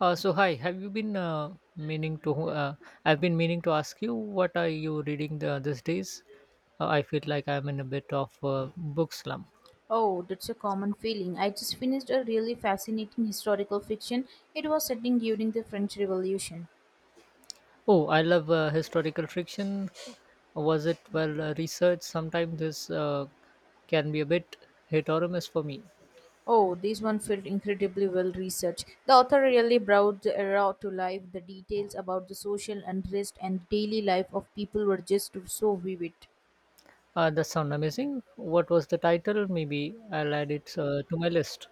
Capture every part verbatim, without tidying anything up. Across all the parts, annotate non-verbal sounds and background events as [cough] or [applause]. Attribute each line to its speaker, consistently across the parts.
Speaker 1: Uh, so hi, have you been uh, meaning to? Uh, I've been meaning to ask you what are you reading the, these days? Uh, I feel like I'm in a bit of a book slump.
Speaker 2: Oh, that's a common feeling. I just finished a really fascinating historical fiction. It was setting during the French Revolution.
Speaker 1: Oh, I love uh, historical fiction. Was it well uh, researched? Sometimes this uh, can be a bit hit or miss for me.
Speaker 2: Oh, this one felt incredibly well researched. The author really brought the era to life. The details about the social unrest and daily life of people were just so vivid.
Speaker 1: Uh, that sound amazing. What was the title? Maybe I'll add it uh, to my list.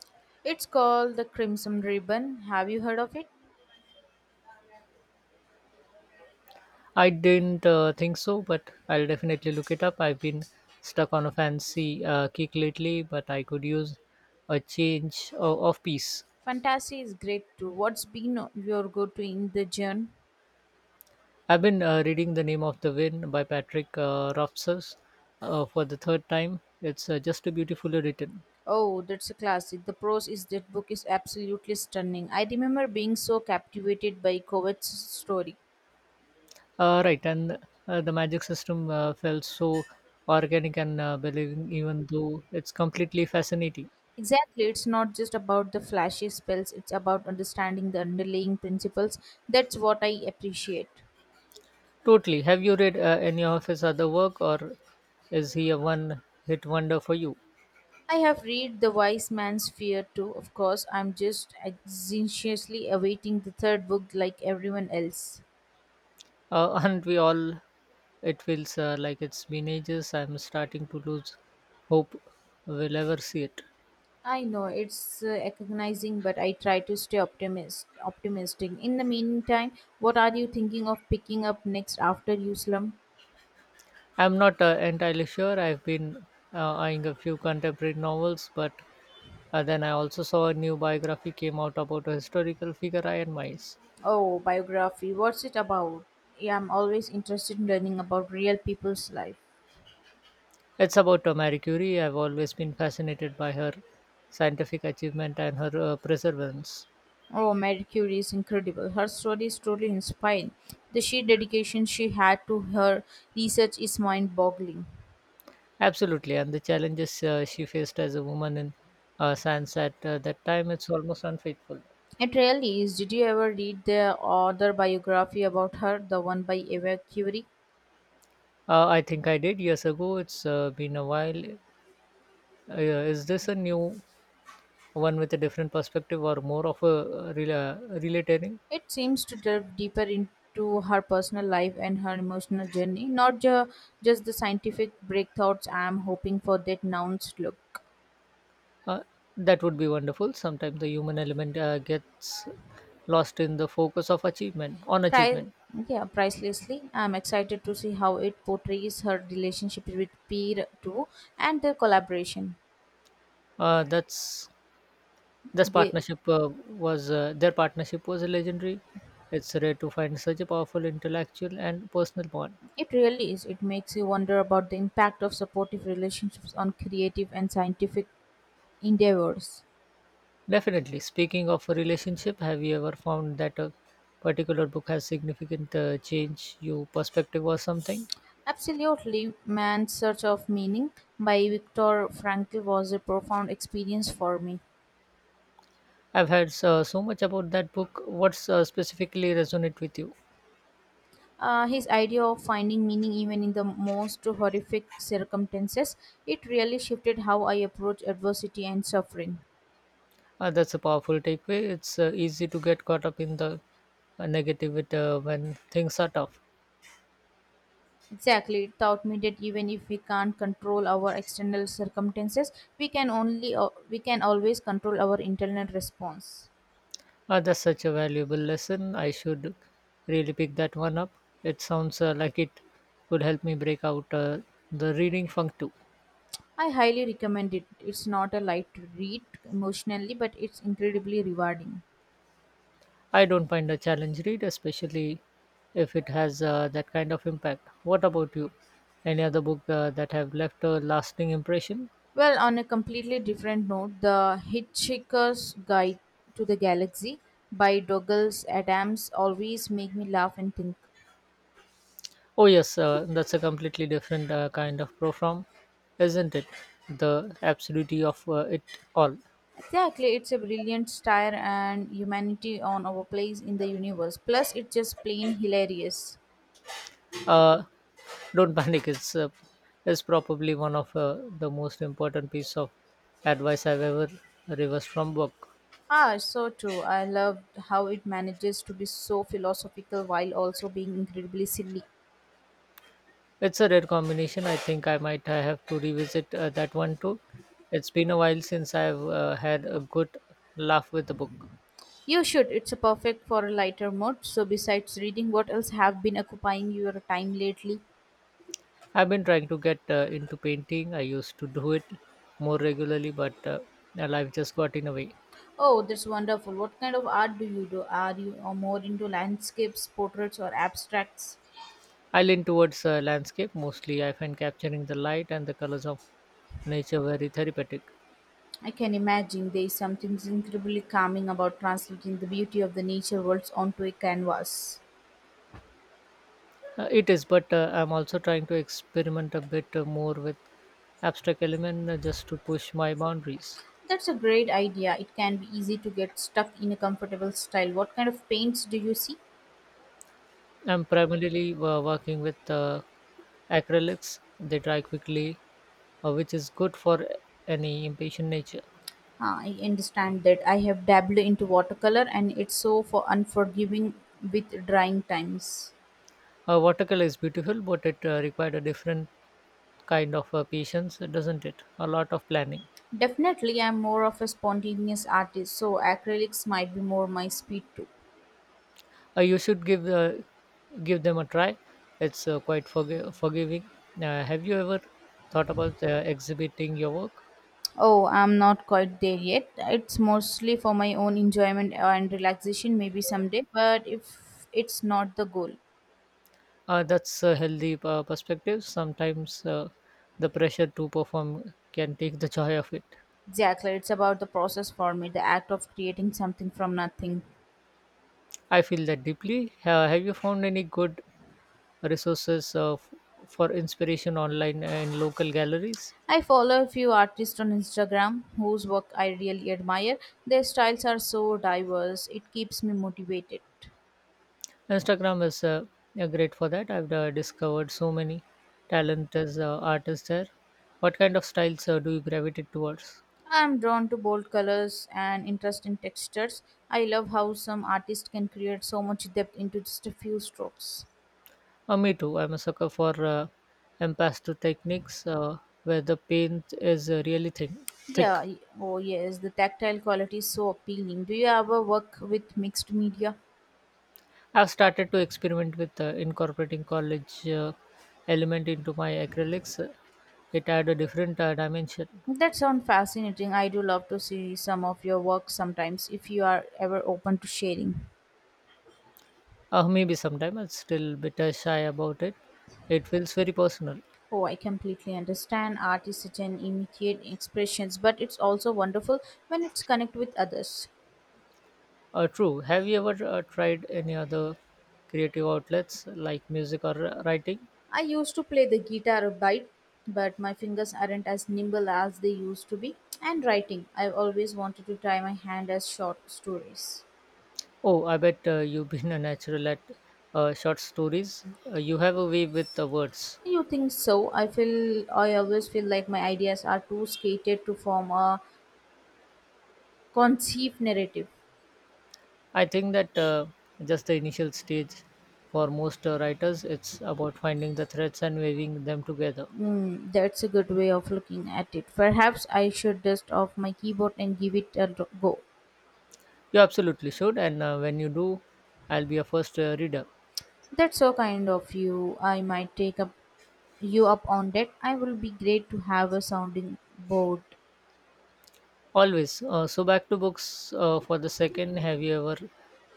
Speaker 2: It's called The Crimson Ribbon. Have you heard of it?
Speaker 1: I didn't uh, think so, but I'll definitely look it up. I've been stuck on a fancy uh, kick lately, but I could use a change uh, of pace.
Speaker 2: Fantasy is great too. What's been your go to in the genre?
Speaker 1: I've been uh, reading The Name of the Wind by Patrick uh, Rothfuss uh, for the third time. It's uh, just beautifully written.
Speaker 2: Oh, that's a classic. The prose is that book is absolutely stunning. I remember being so captivated by Kovacs' story.
Speaker 1: Uh, right, and uh, the magic system uh, felt so organic and uh, believing, even though it's completely fascinating.
Speaker 2: Exactly, it's not just about the flashy spells, it's about understanding the underlying principles. That's what I appreciate.
Speaker 1: Totally. Have you read uh, any of his other work, or is he a one hit wonder for you?
Speaker 2: I have read The Wise Man's Fear too, of course. I'm just anxiously awaiting the third book like everyone else.
Speaker 1: Uh, [laughs] aren't we all? It feels uh, like it's been ages. I'm starting to lose hope we'll ever see it.
Speaker 2: I know it's uh, agonizing, but I try to stay optimist, optimistic. In the meantime, what are you thinking of picking up next after you slump?
Speaker 1: I'm not uh, entirely sure. I've been uh, eyeing a few contemporary novels, but uh, then I also saw a new biography came out about a historical figure I admire.
Speaker 2: Oh, biography. What's it about? Yeah, I'm always interested in learning about real people's life.
Speaker 1: It's about uh, Marie Curie. I've always been fascinated by her scientific achievement and her uh, perseverance.
Speaker 2: Oh, Marie Curie is incredible. Her story is truly inspiring. The sheer dedication she had to her research is mind-boggling.
Speaker 1: Absolutely, and the challenges uh, she faced as a woman in uh, science at uh, that time, it's almost unfaithful.
Speaker 2: It really is. Did you ever read the other biography about her, the one by Eva Curie?
Speaker 1: Uh, I think I did years ago. It's uh, been a while. Uh, yeah, is this a new one with a different perspective or more of a uh, rela- relatering?
Speaker 2: It seems to delve deeper into her personal life and her emotional journey, not ju- just the scientific breakthroughs I'm hoping for that nouns look.
Speaker 1: Uh, that would be wonderful. Sometimes the human element uh, gets lost in the focus of achievement on
Speaker 2: Pri-
Speaker 1: achievement.
Speaker 2: yeah, pricelessly. I'm excited to see how it portrays her relationship with peer too and their collaboration.
Speaker 1: Uh, that's this
Speaker 2: They,
Speaker 1: partnership uh, was uh, Their partnership was legendary. It's rare to find such a powerful intellectual and personal bond.
Speaker 2: it really is. It makes you wonder about the impact of supportive relationships on creative and scientific endeavors.
Speaker 1: Definitely. Speaking of a relationship, have you ever found that a particular book has significant uh, change your perspective or something?
Speaker 2: Absolutely, Man's Search of Meaning by Viktor Frankl was a profound experience for me.
Speaker 1: I've heard so, so much about that book. What's uh, specifically resonate with you?
Speaker 2: Uh, his idea of finding meaning even in the most horrific circumstances, it really shifted how I approach adversity and suffering.
Speaker 1: Uh, that's a powerful takeaway. It's uh, easy to get caught up in the uh, negativity uh, when things are tough.
Speaker 2: Exactly, it taught me that even if we can't control our external circumstances, we can only uh, we can always control our internal response.
Speaker 1: Uh, that's such a valuable lesson. I should really pick that one up. It sounds uh, like it could help me break out uh, the reading funk too.
Speaker 2: I highly recommend it. It's not a light read emotionally, but it's incredibly rewarding.
Speaker 1: I don't find a challenge read, especially if it has uh, that kind of impact. What about you? Any other book uh, that have left a lasting impression?
Speaker 2: Well, on a completely different note, The Hitchhiker's Guide to the Galaxy by Douglas Adams always make me laugh and think.
Speaker 1: Oh yes, uh, that's a completely different uh, kind of profound, isn't it? The absurdity of uh, it all.
Speaker 2: Exactly, it's a brilliant satire and humanity on our place in the universe. Plus, it's just plain hilarious.
Speaker 1: Uh, don't [laughs] panic. It's uh, it's probably one of uh, the most important piece of advice I've ever reversed from book.
Speaker 2: Ah, so true. I love how it manages to be so philosophical while also being incredibly silly.
Speaker 1: It's a rare combination. I think I might uh, have to revisit uh, that one too. It's been a while since I've uh, had a good laugh with a book.
Speaker 2: You should. It's a perfect for a lighter mood. So, besides reading, what else have been occupying your time lately?
Speaker 1: I've been trying to get uh, into painting. I used to do it more regularly, but uh, uh, life just got in the way.
Speaker 2: Oh, that's wonderful. What kind of art do you do? Are you or more into landscapes, portraits, or abstracts?
Speaker 1: I lean towards uh, landscape mostly. I find capturing the light and the colors of nature very therapeutic.
Speaker 2: I can imagine there is something incredibly calming about translating the beauty of the nature worlds onto a canvas.
Speaker 1: Uh, it is, but uh, I'm also trying to experiment a bit uh, more with abstract element uh, just to push my boundaries.
Speaker 2: That's a great idea. It can be easy to get stuck in a comfortable style. What kind of paints do you see?
Speaker 1: I'm primarily uh, working with uh, acrylics. They dry quickly, uh, which is good for any impatient nature.
Speaker 2: Ah, I understand that. I have dabbled into watercolor and it's so for unforgiving with drying times.
Speaker 1: Uh, watercolor is beautiful, but it uh, required a different kind of uh, patience, doesn't it? A lot of planning.
Speaker 2: Definitely, I'm more of a spontaneous artist, so acrylics might be more my speed too.
Speaker 1: Uh, you should give uh, Give them a try. It's uh, quite forg- forgiving. Uh, have you ever thought about uh, exhibiting your work?
Speaker 2: Oh, I'm not quite there yet. It's mostly for my own enjoyment and relaxation, maybe someday, but if it's not the goal.
Speaker 1: Uh, that's a healthy uh, perspective. Sometimes uh, the pressure to perform can take the joy of it.
Speaker 2: Exactly, it's about the process for me, the act of creating something from nothing.
Speaker 1: I feel that deeply. Ha- have you found any good resources uh, f- for inspiration online and local galleries?
Speaker 2: I follow a few artists on Instagram whose work I really admire. Their styles are so diverse, it keeps me motivated.
Speaker 1: Instagram is uh, uh, great for that. I've uh, discovered so many talented uh, artists there. What kind of styles uh, do you gravitate towards?
Speaker 2: I'm drawn to bold colors and interest in textures. I love how some artists can create so much depth into just a few strokes.
Speaker 1: Uh, me too. I'm a sucker for uh, impasto techniques uh, where the paint is uh, really thin- thick.
Speaker 2: Yeah, y- oh yes, the tactile quality is so appealing. Do you ever work with mixed media?
Speaker 1: I've started to experiment with uh, incorporating college uh, element into my acrylics. It had a different uh, dimension.
Speaker 2: That sounds fascinating. I do love to see some of your work sometimes if you are ever open to sharing.
Speaker 1: Uh, maybe sometime I'm still bit uh, shy about it. It feels very personal.
Speaker 2: Oh, I completely understand. Art is such an immediate expressions, but it's also wonderful when it's connect with others.
Speaker 1: Uh, true. Have you ever uh, tried any other creative outlets like music or uh, writing?
Speaker 2: I used to play the guitar a bit, but my fingers aren't as nimble as they used to be. And writing, I've always wanted to try my hand as short stories.
Speaker 1: Oh, I bet uh, you've been a natural at uh, short stories. Uh, you have a way with the words.
Speaker 2: You think so? I feel I always feel like my ideas are too skated to form a conceived narrative.
Speaker 1: I think that uh, just the initial stage for most uh, writers, it's about finding the threads and weaving them together.
Speaker 2: Mm, that's a good way of looking at it. Perhaps I should dust off my keyboard and give it a r- go.
Speaker 1: You absolutely should, and uh, when you do, I'll be a first uh, reader.
Speaker 2: That's so kind of you. I might take up you up on that. I will be great to have a sounding board.
Speaker 1: Always. Uh, so, back to books uh, for the second. Have you ever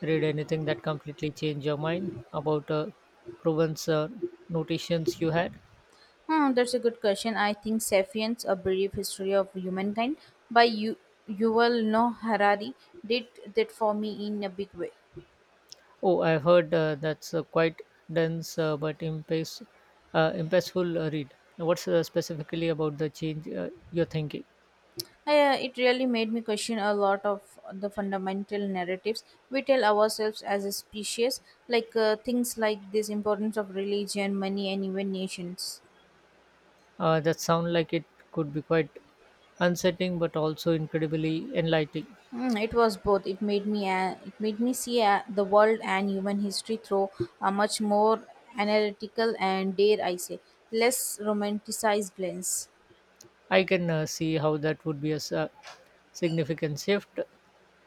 Speaker 1: read anything that completely changed your mind about uh, Provence uh, notations you had?
Speaker 2: Hmm, that's a good question. I think *Sapiens: A Brief History of Humankind* by you, Yuval Noah Harari did that for me in a big way.
Speaker 1: Oh, I've heard uh, that's a quite dense uh, but impasse, uh, impactful uh, read. What's uh, specifically about the change uh, you're thinking?
Speaker 2: Uh, it really made me question a lot of the fundamental narratives we tell ourselves as a species, like uh, things like this importance of religion, money, and even nations.
Speaker 1: Uh, that sound like it could be quite unsettling, but also incredibly enlightening.
Speaker 2: Mm, it was both. It made me uh, it made me see uh, the world and human history through a much more analytical and dare I say less romanticized lens.
Speaker 1: I can uh, see how that would be a s- uh, significant shift.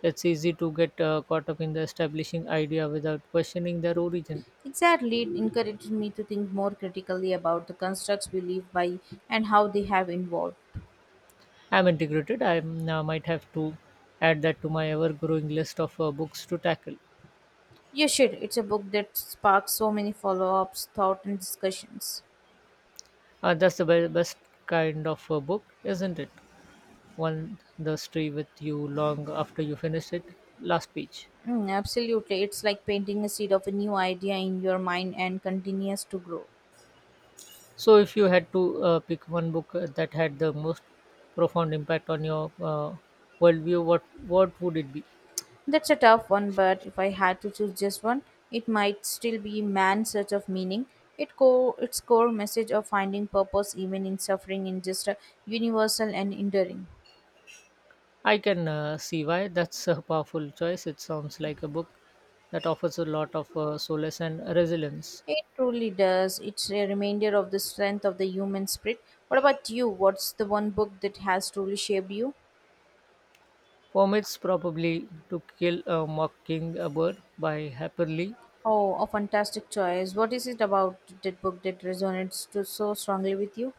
Speaker 1: It's easy to get uh, caught up in the establishing idea without questioning their origin.
Speaker 2: Exactly, it encouraged me to think more critically about the constructs we live by and how they have evolved.
Speaker 1: I'm integrated. I uh, might have to add that to my ever-growing list of uh, books to tackle.
Speaker 2: Yeah, shit, it's a book that sparks so many follow-ups, thought, and discussions.
Speaker 1: Uh, that's the be- best kind of a book, isn't it? One the stay with you long after you finish it. Last page.
Speaker 2: Mm, absolutely, it's like painting a seed of a new idea in your mind and continues to grow.
Speaker 1: So, if you had to uh, pick one book uh, that had the most profound impact on your uh, worldview, what what would it be?
Speaker 2: That's a tough one, but if I had to choose just one, it might still be Man's Search of Meaning. It co- its core message of finding purpose even in suffering is just a universal and enduring.
Speaker 1: I can uh, see why that's a powerful choice. It sounds like a book that offers a lot of uh, solace and resilience.
Speaker 2: It truly does. It's a reminder of the strength of the human spirit. What about you? What's the one book that has truly shaped you?
Speaker 1: For me, it's probably To Kill a Mockingbird by Harper Lee.
Speaker 2: Oh, a fantastic choice. What is it about that book that resonates to so strongly with you?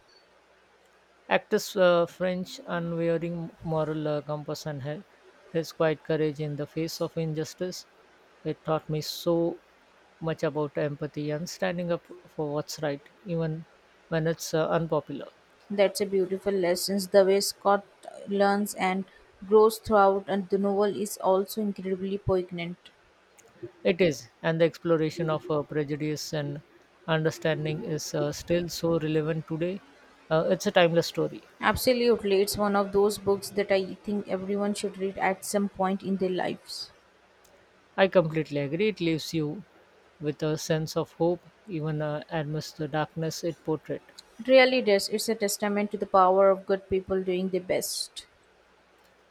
Speaker 1: Actress uh, French unwavering moral uh, compass and her, his quiet courage in the face of injustice. It taught me so much about empathy and standing up for what's right, even when it's uh, unpopular.
Speaker 2: That's a beautiful lesson. The way Scott learns and grows throughout and the novel is also incredibly poignant.
Speaker 1: It is, and the exploration of uh, prejudice and understanding is uh, still so relevant today. Uh, it's a timeless story.
Speaker 2: Absolutely, it's one of those books that I think everyone should read at some point in their lives.
Speaker 1: I completely agree. It leaves you with a sense of hope, even uh, amidst the darkness it portrayed.
Speaker 2: It really does. It's a testament to the power of good people doing their best.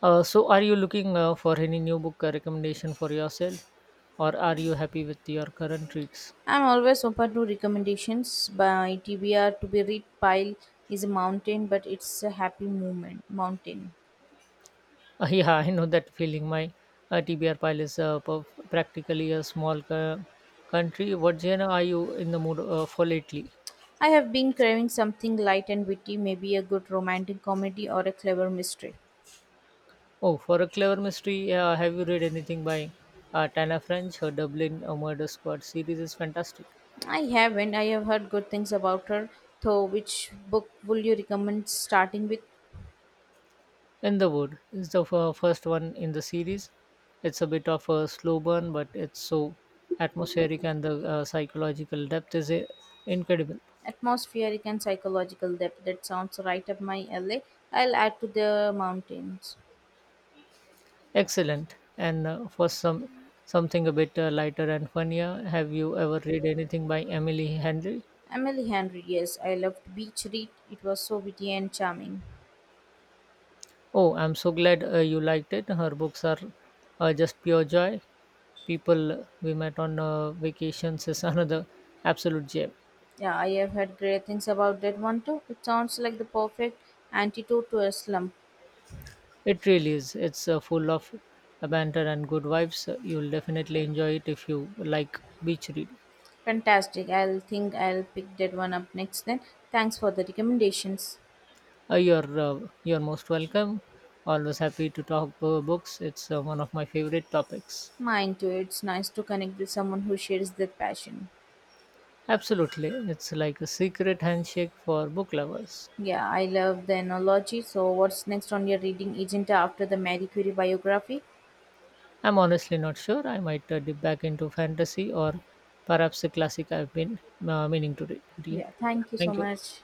Speaker 1: Uh, so, are you looking uh, for any new book uh, recommendation for yourself, or are you happy with your current reads? [laughs]
Speaker 2: I'm always open to recommendations by T B R to be read pile is a mountain, but it's a happy moment. Mountain.
Speaker 1: Uh, yeah, I know that feeling. My uh, T B R pile is uh, per- practically a small co- country. What genre are you in the mood uh, for lately?
Speaker 2: I have been craving something light and witty, maybe a good romantic comedy or a clever mystery.
Speaker 1: Oh, for a clever mystery, uh, have you read anything by uh, Tana French? Her Dublin uh, Murder Squad series is fantastic.
Speaker 2: I haven't. I have heard good things about her, though. Which book will you recommend starting with?
Speaker 1: In the Wood is the fir- first one in the series. It's a bit of a slow burn, but it's so atmospheric and the uh, psychological depth is uh, incredible.
Speaker 2: Atmospheric and psychological depth. That sounds right up my alley. I'll add to the mountains.
Speaker 1: Excellent. And uh, for some something a bit uh, lighter and funnier, have you ever read anything by Emily Henry?
Speaker 2: Emily Henry, yes, I loved Beach Read. It was so witty and charming.
Speaker 1: Oh, I'm so glad uh, you liked it. Her books are uh, just pure joy. People we met on uh, vacations is [laughs] another absolute gem.
Speaker 2: Yeah, I have heard great things about that one too. It sounds like the perfect antidote to a slump.
Speaker 1: It really is. It's uh, full of banter and good vibes. You'll definitely enjoy it if you like beach reading.
Speaker 2: Fantastic. I'll think I'll pick that one up next then. Thanks for the recommendations.
Speaker 1: Uh, you're uh, you're most welcome. Always happy to talk uh, books. It's uh, one of my favorite topics.
Speaker 2: Mine too. It's nice to connect with someone who shares their passion.
Speaker 1: Absolutely, it's like a secret handshake for book lovers.
Speaker 2: Yeah, I love the analogy. So, what's next on your reading agenda after the Marie Curie biography?
Speaker 1: I'm honestly not sure. I might uh, dip back into fantasy or perhaps a classic I've been uh, meaning to read. read.
Speaker 2: Yeah,
Speaker 1: Yeah.
Speaker 2: thank you so
Speaker 1: Thank you.
Speaker 2: much.